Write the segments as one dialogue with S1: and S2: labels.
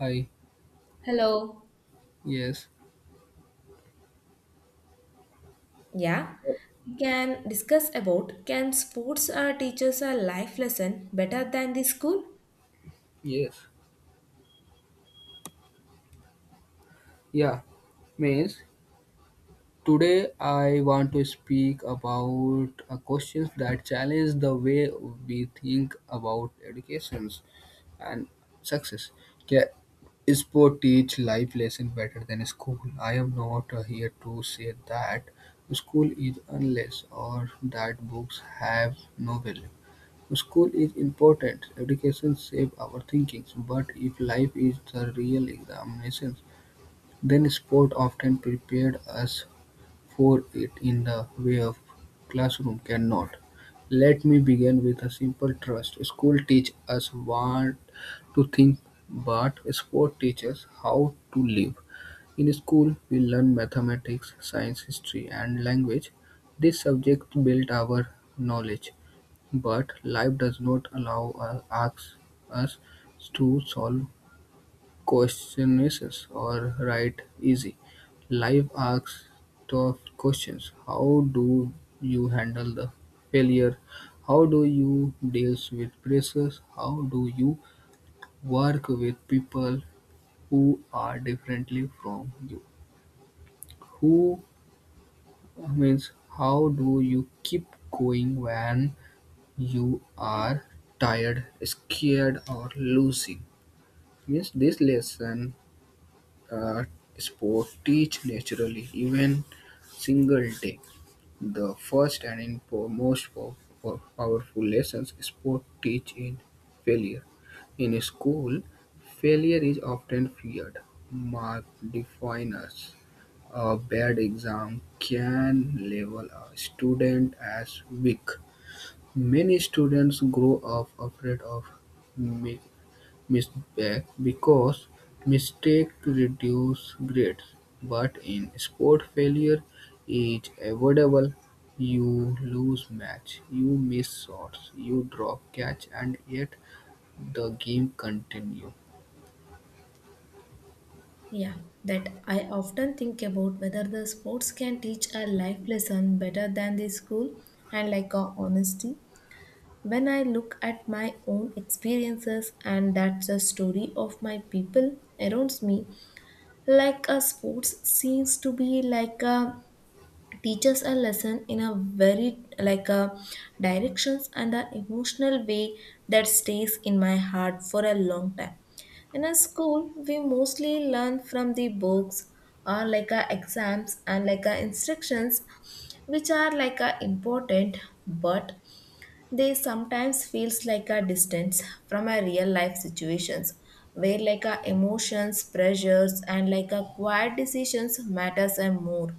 S1: Hi.
S2: Hello.
S1: Yes.
S2: Yeah, we can discuss about can sports teachers a life lesson better than the school?
S1: Yes. Yeah. Means today I want to speak about questions that challenge the way we think about educations and success. Can sport teach life lesson better than school? I am not here to say that school is unless or that books have no value. School is important. Education shape our thinking, but if life is the real examination, then sport often prepared us for it in the way of classroom cannot. Let me begin with a simple trust. School teach us what to think, but sport teaches how to live. In school, we learn mathematics, science, history, and language. These subjects build our knowledge, but life does not allow us, us to solve questionnaires or write easy, life asks tough questions. How do you handle the failure? How do you deal with pressures? How do you work with people who are differently from you? Who means how do you keep going when you are tired, scared, or losing? Means this lesson uh, sport teach naturally, even single day. The first and in powerful lessons sport teach in failure. In school, failure is often feared. Mark define us. A bad exam can label a student as weak. Many students grow up afraid of mi- misback because mistake reduce grades, but in sport failure is avoidable. You lose match, you miss shots, you drop catch and yet the game continue.
S2: Yeah, that I often think about whether the sports can teach a life lesson better than the school, and like a honesty. When I look at my own experiences and that's the story of my people around me, like a sports seems to be like a teaches a lesson in a very like a directions and a emotional way that stays in my heart for a long time. In a school we mostly learn from the books or like a exams and like a instructions which are like a important, but they sometimes feels like a distance from a real life situations where like a emotions, pressures, and like a quiet decisions matters and more.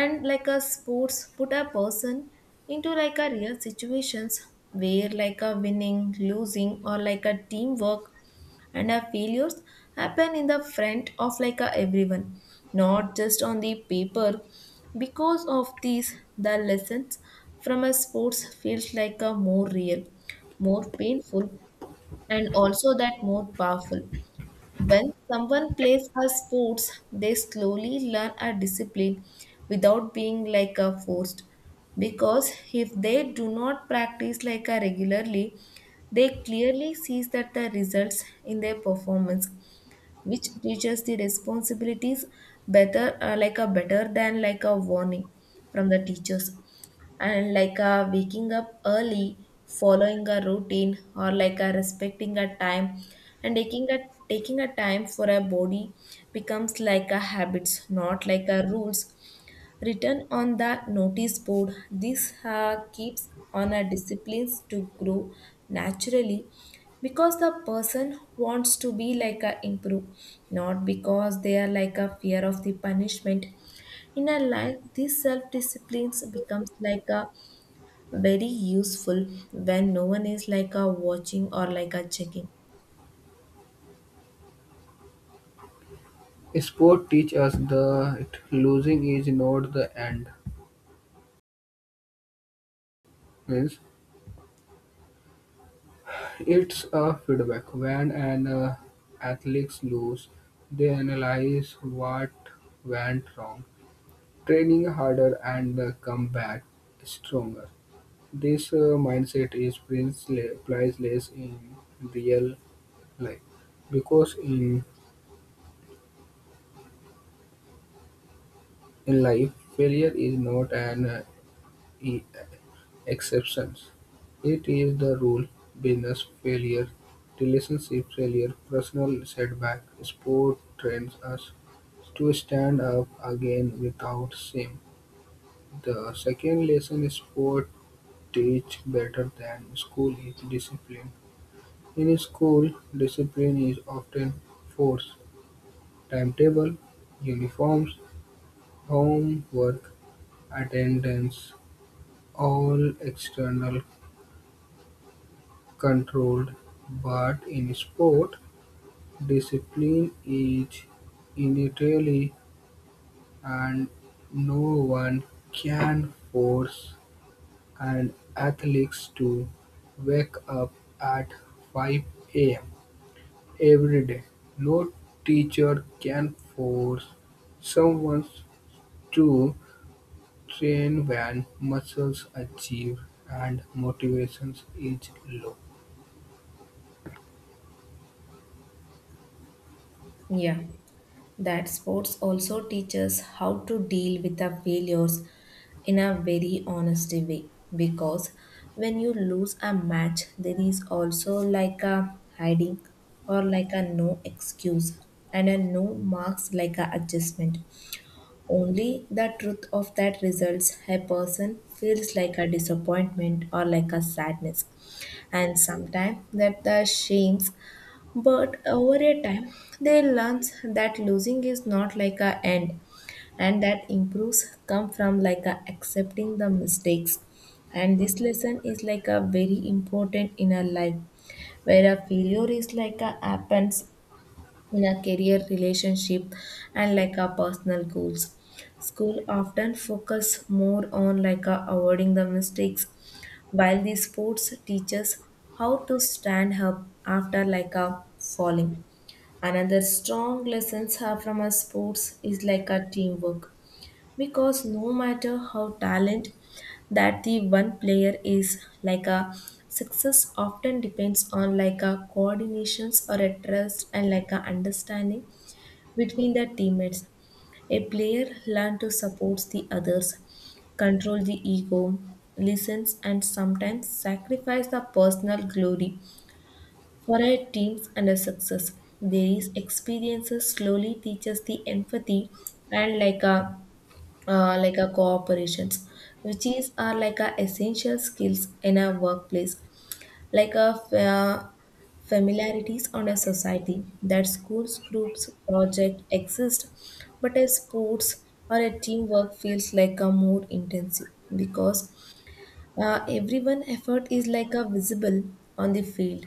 S2: And like a sports put a person into like a real situations where like a winning, losing, or like a teamwork and a failures happen in the front of like a everyone, not just on the paper. Because of these, the lessons from a sports feels like a more real, more painful, and also that more powerful. When someone plays a sports, they slowly learn a discipline without being like a forced. Because if they do not practice like a regularly, they clearly sees that the results in their performance, which teaches the responsibilities better like a better than like a warning from the teachers. And like a waking up early, following a routine, or like a respecting a time, and taking a time for a body becomes like a habits, not like a rules written on the notice board. This keeps on a disciplines to grow naturally because the person wants to be like a improve, not because they are like a fear of the punishment. In our life, these self disciplines becomes like a very useful when no one is like a watching or like a checking.
S1: Sport teach us that losing is not the end. Means it's a feedback. When an athletes lose, they analyze what went wrong, training harder and come back stronger. This mindset is priceless in real life because in life, failure is not an e- exception, it is the rule. Business failure, relationship failure, personal setback, sport trains us to stand up again without shame. The second lesson is sport teach better than school is discipline; in school, discipline is often forced: timetable, uniforms, homework, attendance, all external controlled, but in sport, discipline is innately and no one can force an athlete to wake up at five am. Every day. No teacher can force someone to train when muscles are cheap and motivation is low.
S2: Yeah, that sports also teaches how to deal with our failures in a very honest way, because when you lose a match there is also like a hiding or like a no excuse and a no marks like a adjustment. Only the truth of that results a person feels like a disappointment or like a sadness, and sometimes that the shames, but over a time, they learn that losing is not like a end, and that improves come from like a accepting the mistakes. And this lesson is like a very important in a life where a failure is like a happens in our career, relationship, and like our personal goals. School often focus more on like avoiding the mistakes, while the sports teaches how to stand up after like a falling. Another strong lessons are from our sports is like a teamwork, because no matter how talent that the one player is like a, success often depends on like a coordinations or a trust and like a understanding between the teammates. A player learn to support the others, control the ego, listens, and sometimes sacrifice the personal glory for our teams and a success. There is experiences slowly teaches the empathy and like a cooperations which is are like a essential skills in a workplace, like a familiarities on a society that schools groups project exist, but a sports or a teamwork feels like a more intensive because everyone effort is like a visible on the field.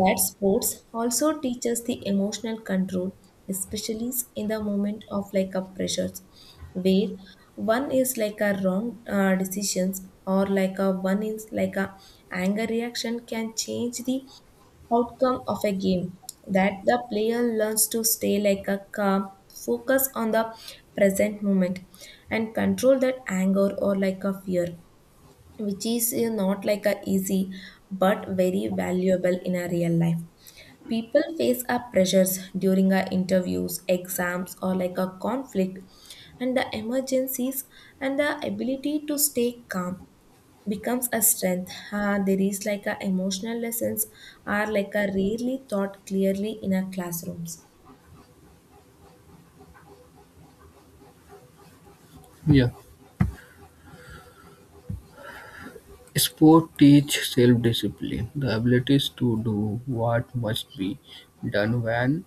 S2: That sports also teaches the emotional control, especially in the moment of like a pressures, where one is like a wrong decisions or like a one is like a anger reaction can change the outcome of a game. That the player learns to stay like a calm, focus on the present moment, and control that anger or like a fear, which is not like a easy but very valuable in a real life. People face our pressures during our interviews, exams, or like a conflict, and the emergencies, and the ability to stay calm becomes a strength. There is like a emotional lessons are like a rarely taught clearly in our classrooms.
S1: Yeah. Sport teach self-discipline, the abilities to do what must be done when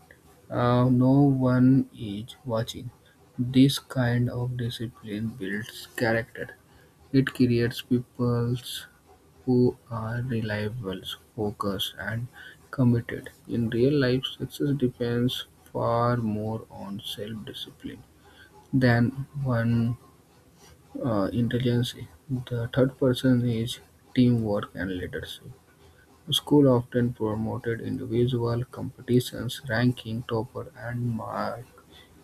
S1: no one is watching. This kind of discipline builds character. It creates people who are reliable, focused, and committed. In real life, success depends far more on self discipline than one intelligence. The third person is teamwork and leadership. School often promoted individual competitions, ranking, topper, and mark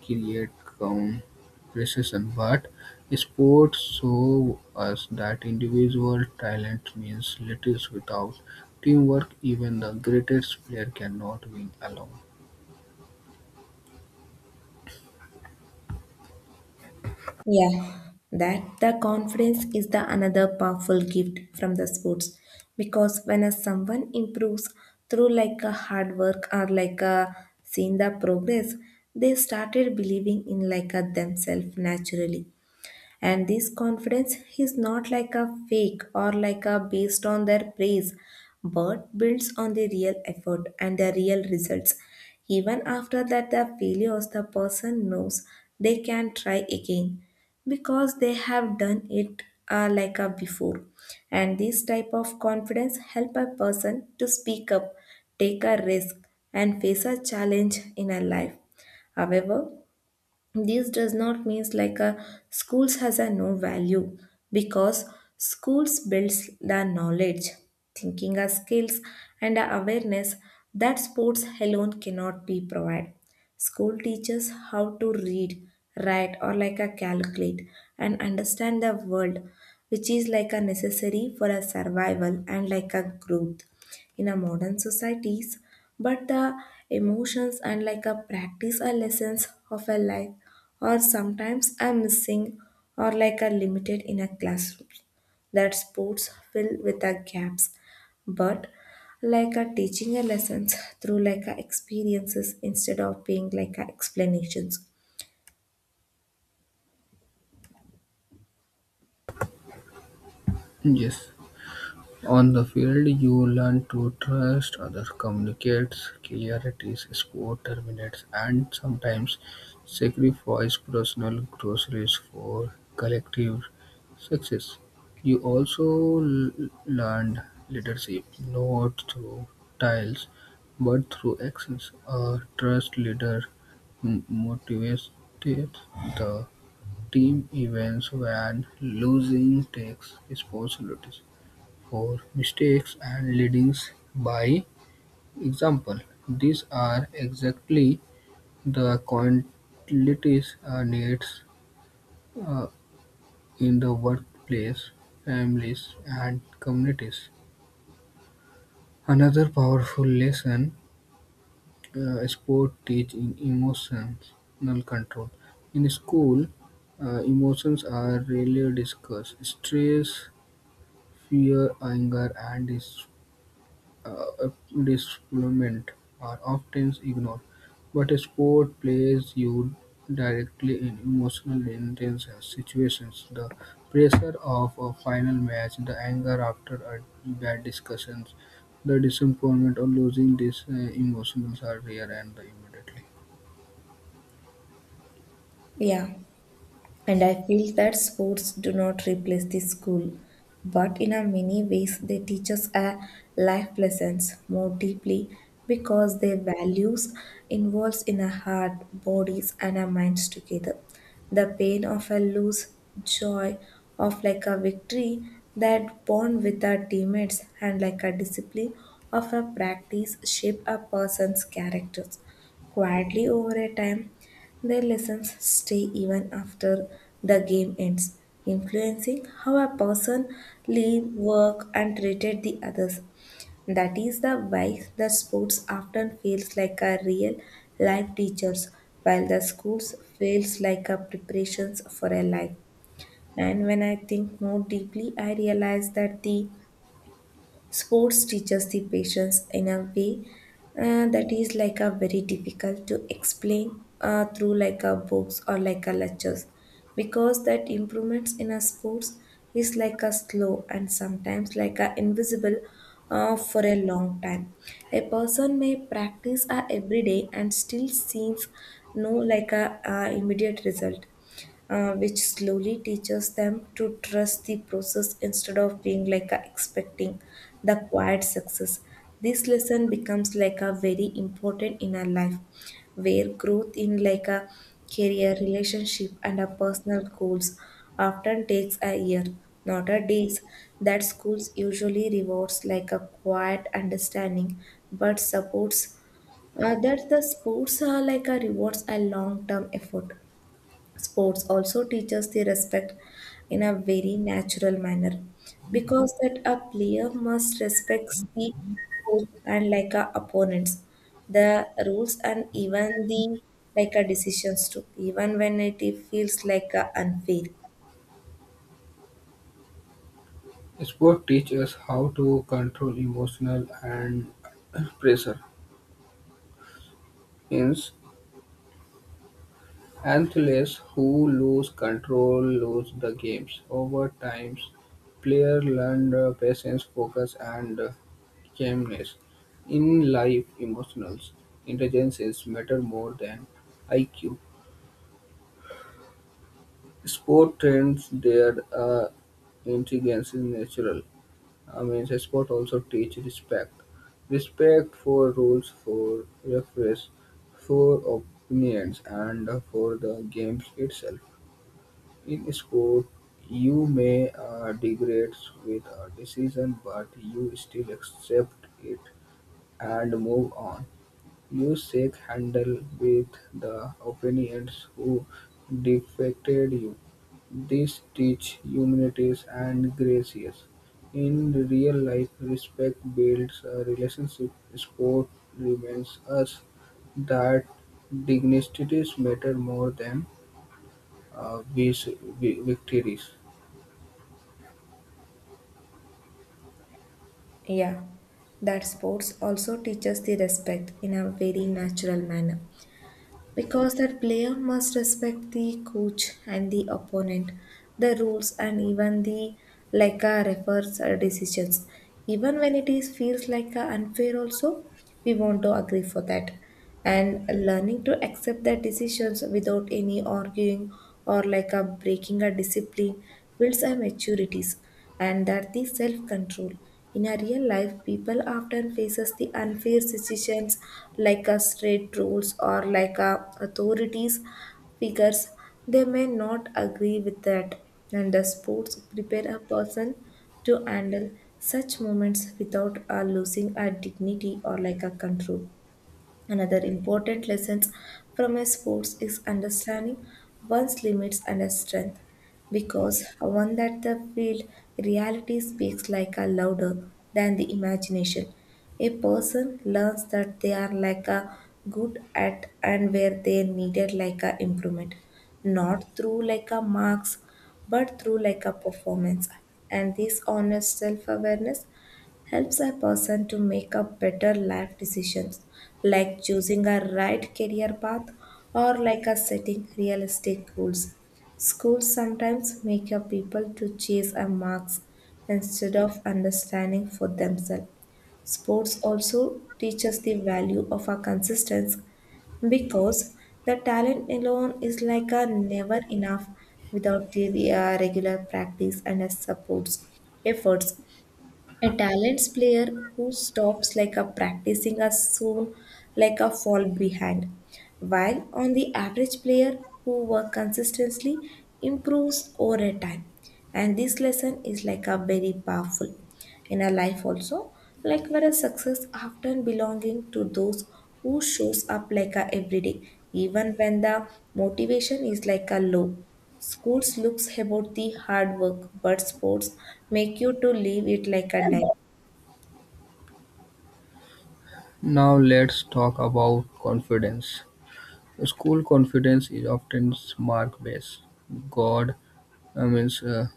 S1: create comparison, but sports show us that individual talent means little without teamwork. Even the greatest player cannot win alone.
S2: Yeah, that the confidence is the another powerful gift from the sports, because when a someone improves through like a hard work or like a seeing the progress, they started believing in like a themselves naturally. And this confidence is not like a fake or like a based on their praise, but builds on the real effort and the real results. Even after that the failures the person knows they can try again, because they have done it like a before. And this type of confidence help a person to speak up, take a risk, and face a challenge in a life. However, this does not mean like a schools has a no value, because schools builds the knowledge, thinking our skills, and our awareness that sports alone cannot be provide. School teaches how to read, write, or like a calculate and understand the world, which is like a necessary for a survival and like a growth in a modern societies, but the emotions and like a practice or lessons of a life or sometimes are missing or like a limited in a classroom that sports fill with the gaps. But like a teaching a lessons through like a experiences instead of being like a explanations.
S1: Yes. On the field, you learn to trust others, communicate clarity, score terminates, and sometimes sacrifice personal groceries for collective success. You also learned leadership not through tiles, but through actions. A trust leader motivates the team events when losing takes responsibility for mistakes and leadings by example. These are exactly the qualities needed uh, in the workplace, families, and communities. Another powerful lesson sport teaching emotional control. In school, emotions are rarely discussed. Stress, fear, anger, and deployment are often ignored, but sport places you directly in emotionally intense situations. The pressure of a final match, the anger after a bad discussions, the disappointment of losing these emotions are rare and immediately.
S2: Yeah. And I feel that sports do not replace the school, but in a many ways they teach us a life lessons more deeply because their values involves in our heart, bodies, and our minds together. The pain of a lose, joy of like a victory, that bond with our teammates, and like a discipline of a practice shape a person's characters. Quietly over a time, their lessons stay even after the game ends, influencing how a person live, work, and treated the others. That is the why the sports often feels like a real life teachers, while the schools feels like a preparations for a life. And when I think more deeply, I realize that the sports teaches the patients in a way that is like a very difficult to explain through like a books or like a lectures, because that improvements in a sports is like a slow and sometimes like a invisible for a long time. A person may practice a every day and still sees no like a immediate result which slowly teaches them to trust the process instead of being like a expecting the quiet success. This lesson becomes like a very important in our life, where growth in like a career, relationship, and a personal goals often takes a year, not a days. That schools usually rewards like a quiet understanding, but supports that the sports are like a rewards a long term effort. Sports also teaches the respect in a very natural manner, because that a player must respect the coach and like a opponents, the rules, and even the like a decisions too, even when it feels like a unfair.
S1: Sport teaches us how to control emotional and pressure. Hence, athletes who lose control lose the games. Over time, players learn patience, focus, and calmness. In life, emotional intelligence is matter more than IQ. Sport trains their intelligence is natural. I mean, sport also teach respect. Respect for rules, for referees, for opinions, and for the games itself. In sport, you may degrade with a decision, but you still accept it and move on. You shake handle with the opponents who defected you. This teach humility and graces. In real life, respect builds a relationship. Sport reminds us that dignities matter more than uh, vis- victories.
S2: Yeah, that sports also teaches the respect in a very natural manner, because that player must respect the coach and the opponent, the rules, and even the like a refers decisions. Even when it is feels like a unfair also, we want to agree for that. And learning to accept the decisions without any arguing or like a breaking a discipline builds a maturities and that the self control. In a real life, people often faces the unfair decisions, like a strict rules or like a authorities figures. They may not agree with that, and the sports prepare a person to handle such moments without losing a dignity or like a control. Another important lesson from a sports is understanding one's limits and a strength, because one that the field reality speaks like a louder than the imagination. A person learns that they are like a good at and where they needed like a improvement, not through like a marks, but through like a performance. And this honest self awareness helps a person to make a better life decisions, like choosing a right career path or like a setting realistic goals. Schools sometimes make a people to chase a marks instead of understanding for themselves. Sports also teaches the value of a consistency, because the talent alone is like a never enough without the regular practice and a supports efforts. A talents player who stops like a practicing as soon like a fall behind, while on the average player who work consistently improves over time. And this lesson is like a very powerful in our life also, like whereas success often belonging to those who shows up like a everyday, even when the motivation is like a low. Schools looks about the hard work, but sports make you to leave it like a die.
S1: Now let's talk about confidence. School confidence is often mark based. God means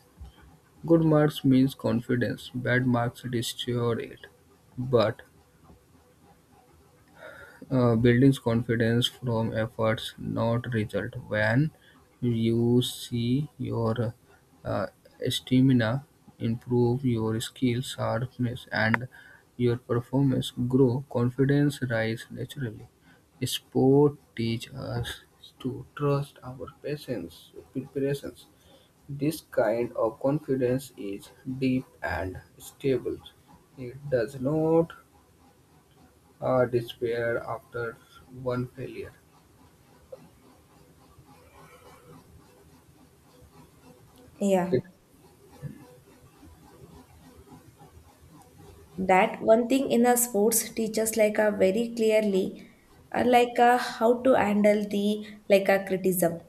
S1: good marks means confidence. Bad marks destroy it. But Building confidence from efforts, not result. When you see your uh, stamina improve, your skills, sharpness, and your performance grow, confidence rise naturally. Sport teach us to trust our patience, preparations. This kind of confidence is deep and stable. It does not despair after one failure.
S2: Yeah,
S1: It,
S2: that one thing in a sports teaches like a very clearly like a how to handle the like a criticism,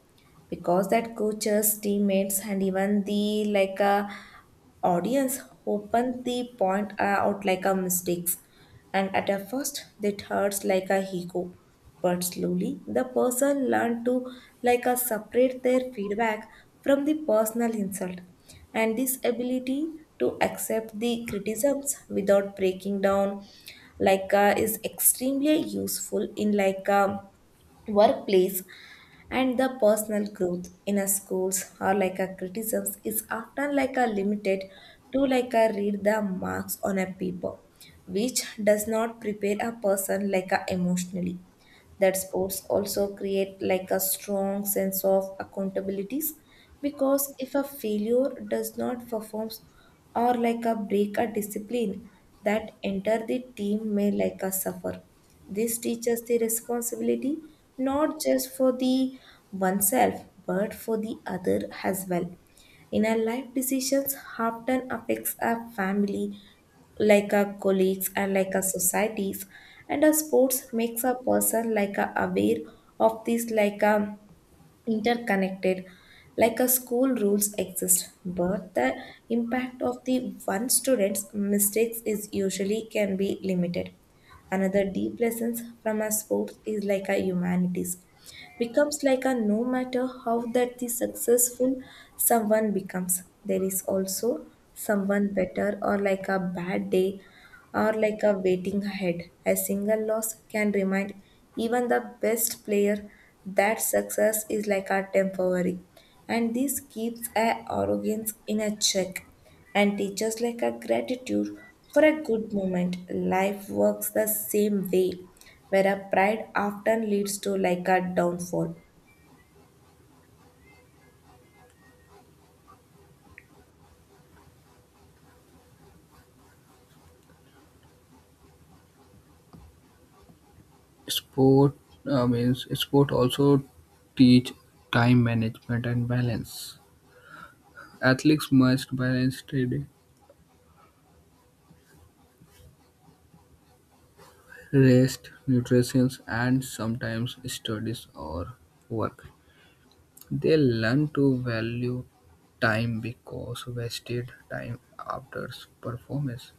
S2: because that coaches, teammates, and even the like a audience open the point out like a mistakes, and at a first, it hurts like a ego. But slowly, the person learned to like a separate their feedback from the personal insult. And this ability to accept the criticisms without breaking down like is extremely useful in like a workplace and the personal growth. In a schools or like a criticisms is often like a limited to like a read the marks on a paper, which does not prepare a person like a emotionally. That sports also create like a strong sense of accountabilities, because if a failure does not performs or like a break a discipline, that enter the team may like a suffer. This teaches the responsibility, not just for the oneself, but for the other as well. In our life, decisions often affects our family, like our colleagues and like our societies. And our sports makes a person like a aware of this like a interconnected. Like a school rules exist, but the impact of the one student's mistakes is usually can be limited. Another deep lessons from our sports is like a humanities becomes, like a no matter how that the successful someone becomes, there is also someone better or like a bad day or like a waiting ahead. A single loss can remind even the best player that success is like a temporary, and this keeps a arrogance in a check and teachers like a gratitude for a good moment. Life works the same way, where a pride often leads to like a downfall.
S1: Sport means sport also teach time management and balance. Athletes must balance training, rest, nutrition, and sometimes studies or work. They learn to value time because wasted time after performance.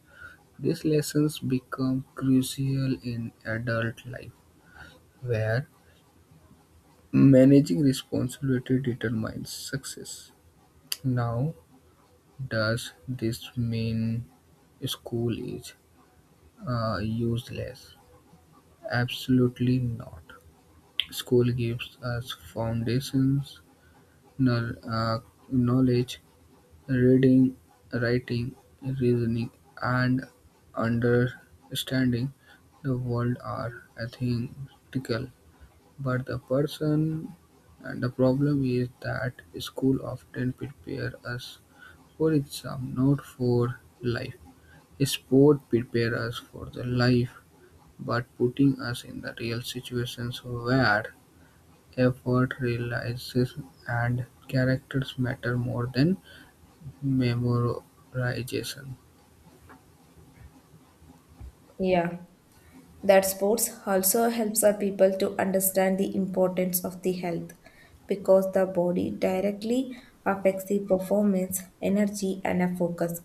S1: These lessons become crucial in adult life, where managing responsibility determines success. Now, does this mean school is useless? Absolutely not. School gives us foundations, knowl- uh, knowledge, reading, writing, reasoning, and understanding the world are, I think, critical. But the person and the problem is that school often prepare us for exam, not for life. Sport prepare us for the life, but putting us in the real situations where effort realizes and characters matter more than memorization.
S2: Yeah. That sports also helps our people to understand the importance of the health, because the body directly affects the performance, energy, and a focus.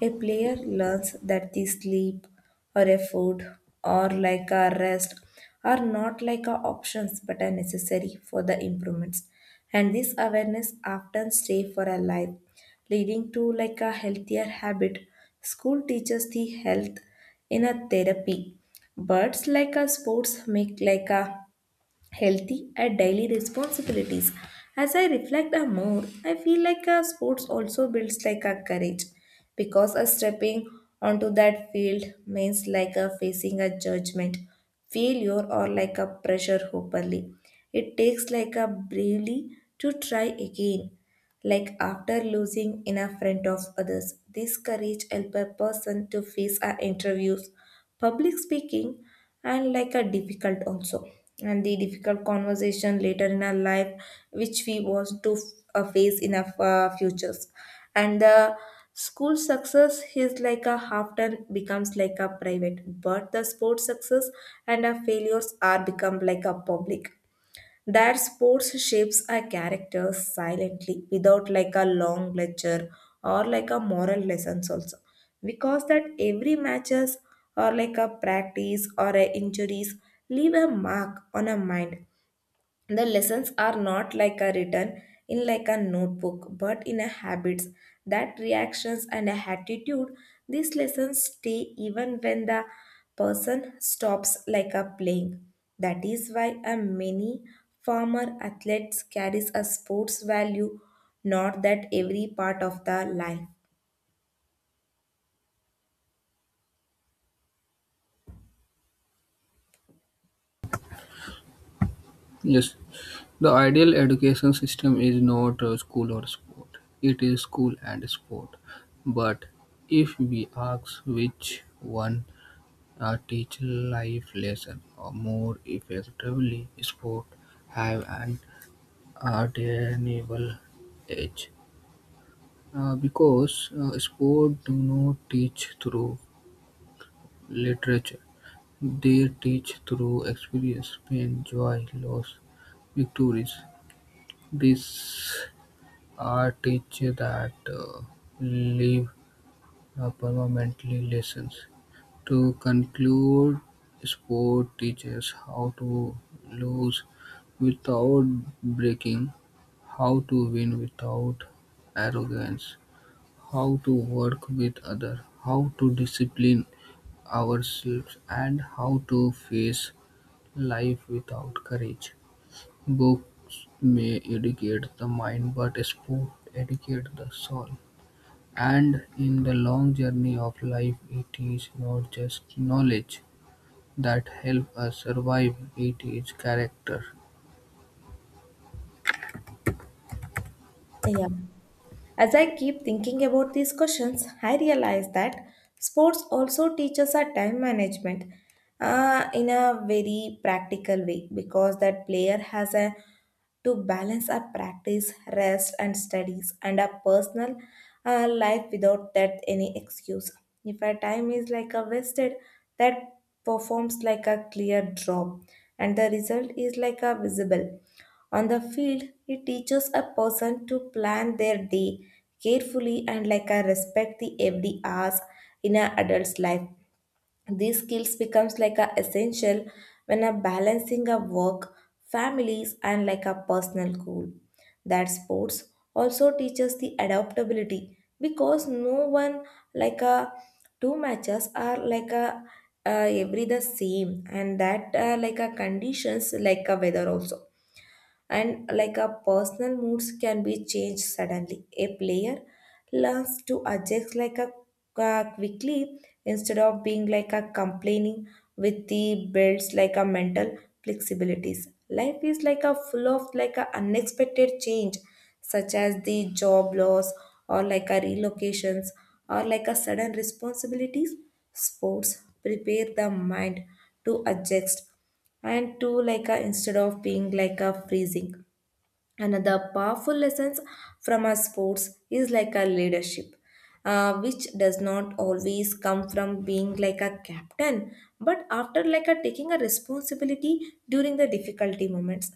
S2: A player learns that the sleep or a food or like a rest are not like a options but are necessary for the improvements. And this awareness often stay for a life, leading to like a healthier habit. School teaches the health in a therapy. Birds like a sports make like a healthy and daily responsibilities. As I reflect a more, I feel like a sports also builds like a courage, because a stepping onto that field means like a facing a judgment, failure or like a pressure properly. It takes like a bravely to try again, like after losing in a front of others. This courage helps a person to face our interviews, public speaking, and like a difficult also. And the difficult conversation later in our life, which we want to face in our futures. And the school success is like a half often becomes like a private, but the sports success and our failures are become like a public. That sports shapes a character silently without like a long lecture or like a moral lessons also, because that every matches or like a practice or a injuries leave a mark on a mind. The lessons are not like a written in like a notebook but in a habits, that reactions and a attitude. These lessons stay even when the person stops like a playing. That is why a many farmer athletes carries a sports value, not that every part of the life.
S1: Yes, the ideal education system is not school or sport. It is school and sport. But if we ask which one teach life lesson or more effectively, sport have an undeniable edge because sport do not teach through literature. They teach through experience, pain, joy, loss, victories. This art teaches that leaves permanently lessons. To conclude, sport teaches how to lose without breaking, how to win without arrogance, how to work with others, how to discipline ourselves, and how to face life without courage. Books may educate the mind, but sport educates the soul. And in the long journey of life it is not just knowledge that helps us survive, it is character.
S2: Yeah. As I keep thinking about these questions, I realize that sports also teaches our time management in a very practical way, because that player has a to balance our practice, rest, and studies and our personal life without that any excuse. If our time is like a wasted, that performs like a clear drop, and the result is like a visible. On the field, it teaches a person to plan their day carefully and like a respect the every hours in an adult's life. These skills becomes like a essential when a balancing a work, families and like a personal goal. That sports also teaches the adaptability, because no one like a two matches are like a every the same, and that like a conditions, like a weather also and like a personal moods can be changed suddenly. A player learns to adjust like a quickly instead of being like a complaining with the builds like a mental flexibilities. Life is like a full of like a unexpected change, such as the job loss or like a relocations or like a sudden responsibilities. Sports prepare the mind to adjust and two like a instead of being like a freezing. Another powerful lessons from our sports is like a leadership, which does not always come from being like a captain, but after like a taking a responsibility during the difficulty moments.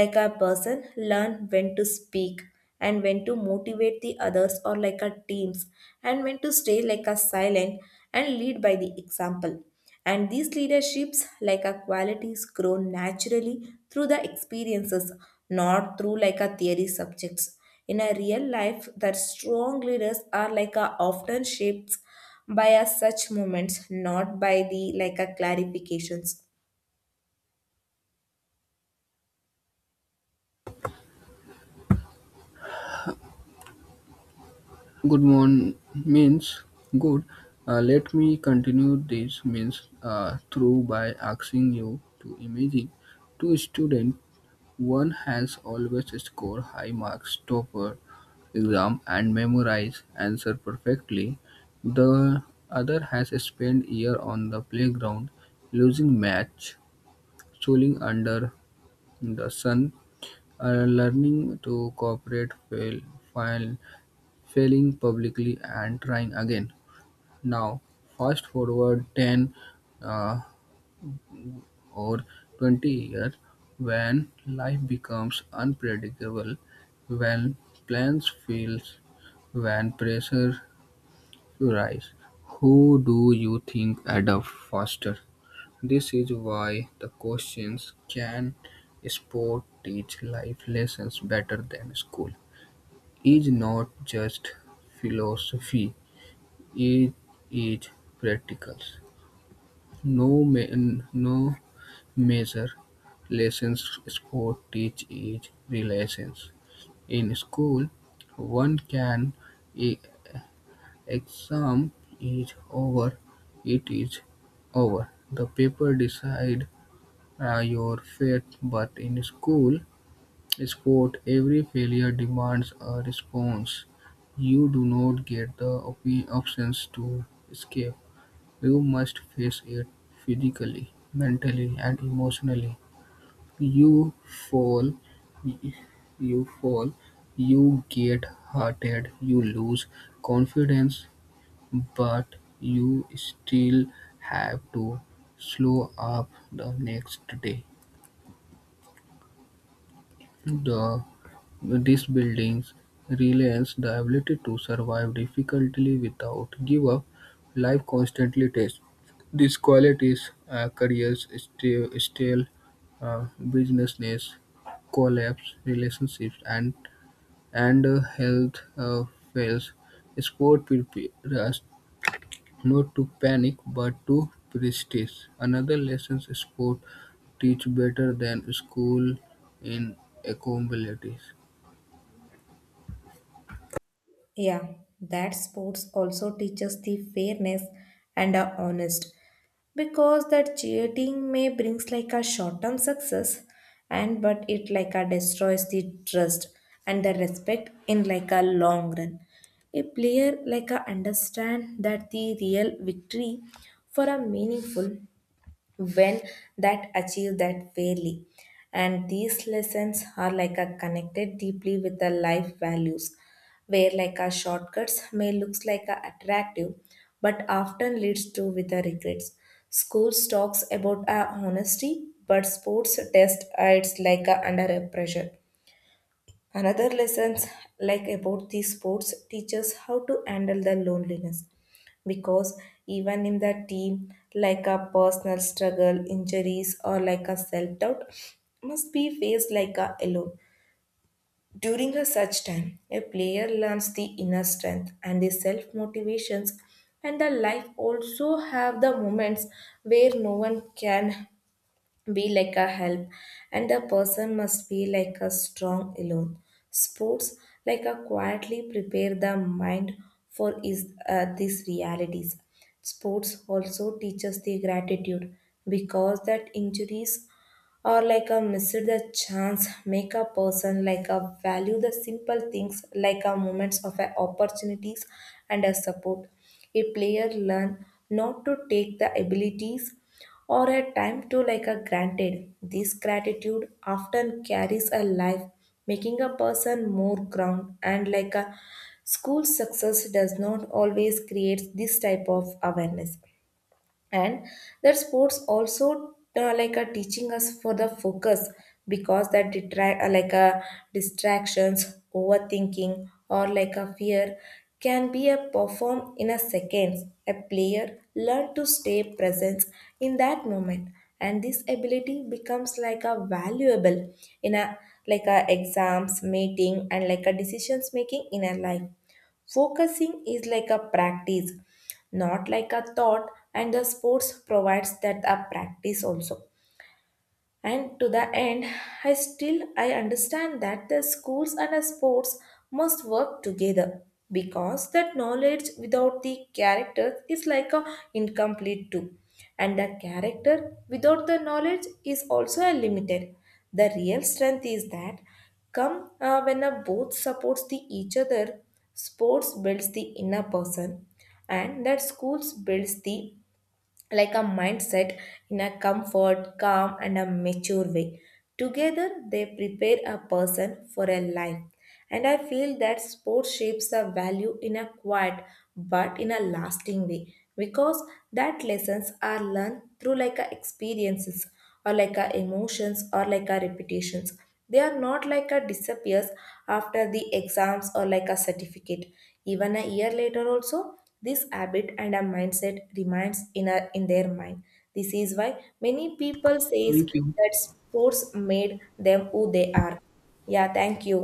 S2: Like a person learn when to speak and when to motivate the others or like a teams and when to stay like a silent and lead by the example. And these leaderships, like a qualities, grow naturally through the experiences, not through like a theory subjects. In a real life, that strong leaders are like a often shaped by a such moments, not by the like a clarifications.
S1: Good one means good. Let me continue this means through by asking you to imagine two students. One has always scored high marks, topper exam, and memorize answer perfectly. The other has spent year on the playground losing match schooling under the sun, learning to cooperate, fail, failing publicly, and trying again. Now, fast forward 10 uh, or 20 years when life becomes unpredictable, when plans fail, when pressure rise. Who do you think adapt faster? This is why the questions can sport teach life lessons better than school? Is not just philosophy, it is practical. No major lessons sport teach is relations. In school, one can e- exam is over, it is over. The paper decide your faith, but in school sport, every failure demands a response. You do not get the options to escape. You must face it physically, mentally, and emotionally. You fall, you fall, you get hurted, you lose confidence, but you still have to slow up the next day. The, these buildings reliance the ability to survive difficulty without give up. Life constantly tests these qualities. Careers stale uh, businesses collapse, relationships and health fails. Sport prepare us not to panic but to prestige. Another lessons sport teach better than school in accountabilities.
S2: Yeah, that sports also teaches the fairness and are honest, because that cheating may brings like a short-term success and but it like a destroys the trust and the respect in like a long run. A player like a understand that the real victory for a meaningful when that achieve that fairly, and these lessons are like a connected deeply with the life values, where like our shortcuts may looks like a attractive but often leads to with the regrets. Schools talks about a honesty, but sports test it's like a under a pressure. Another lessons like about these sports teaches how to handle the loneliness, because even in the team like a personal struggle, injuries or like a self-doubt must be faced like a alone. During a such time, a player learns the inner strength and the self motivations, and the life also have the moments where no one can be like a help and the person must be like a strong alone. Sports like a quietly prepare the mind for is these realities. Sports also teaches the gratitude, because that injuries or like a miss the chance make a person like a value the simple things, like a moments of a opportunities and a support. A player learn not to take the abilities or a time to like a granted. This gratitude often carries a life, making a person more ground and like a school success does not always create this type of awareness. And that sports also like a teaching us for the focus, because that detract like a distractions, overthinking or like a fear can be a perform in a seconds. A player learn to stay present in that moment, and this ability becomes like a valuable in a like a exams meeting and like a decisions making in a life. Focusing is like a practice, not like a thought, and the sports provides that a practice also. And to the end, I understand that the schools and the sports must work together, because that knowledge without the character is like a incomplete too. And the character without the knowledge is also a limited. The real strength is that come when a both supports the each other. Sports builds the inner person, and that schools builds the like a mindset in a comfort, calm, and a mature way. Together, they prepare a person for a life. And I feel that sport shapes a value in a quiet but in a lasting way, because that lessons are learned through like a experiences or like our emotions or like our reputations. They are not like a disappears after the exams or like a certificate. Even a year later also, this habit and a mindset remains in our in their mind. This is why many people says
S1: Thank you.
S2: that sports made them who they are. Yeah, thank you.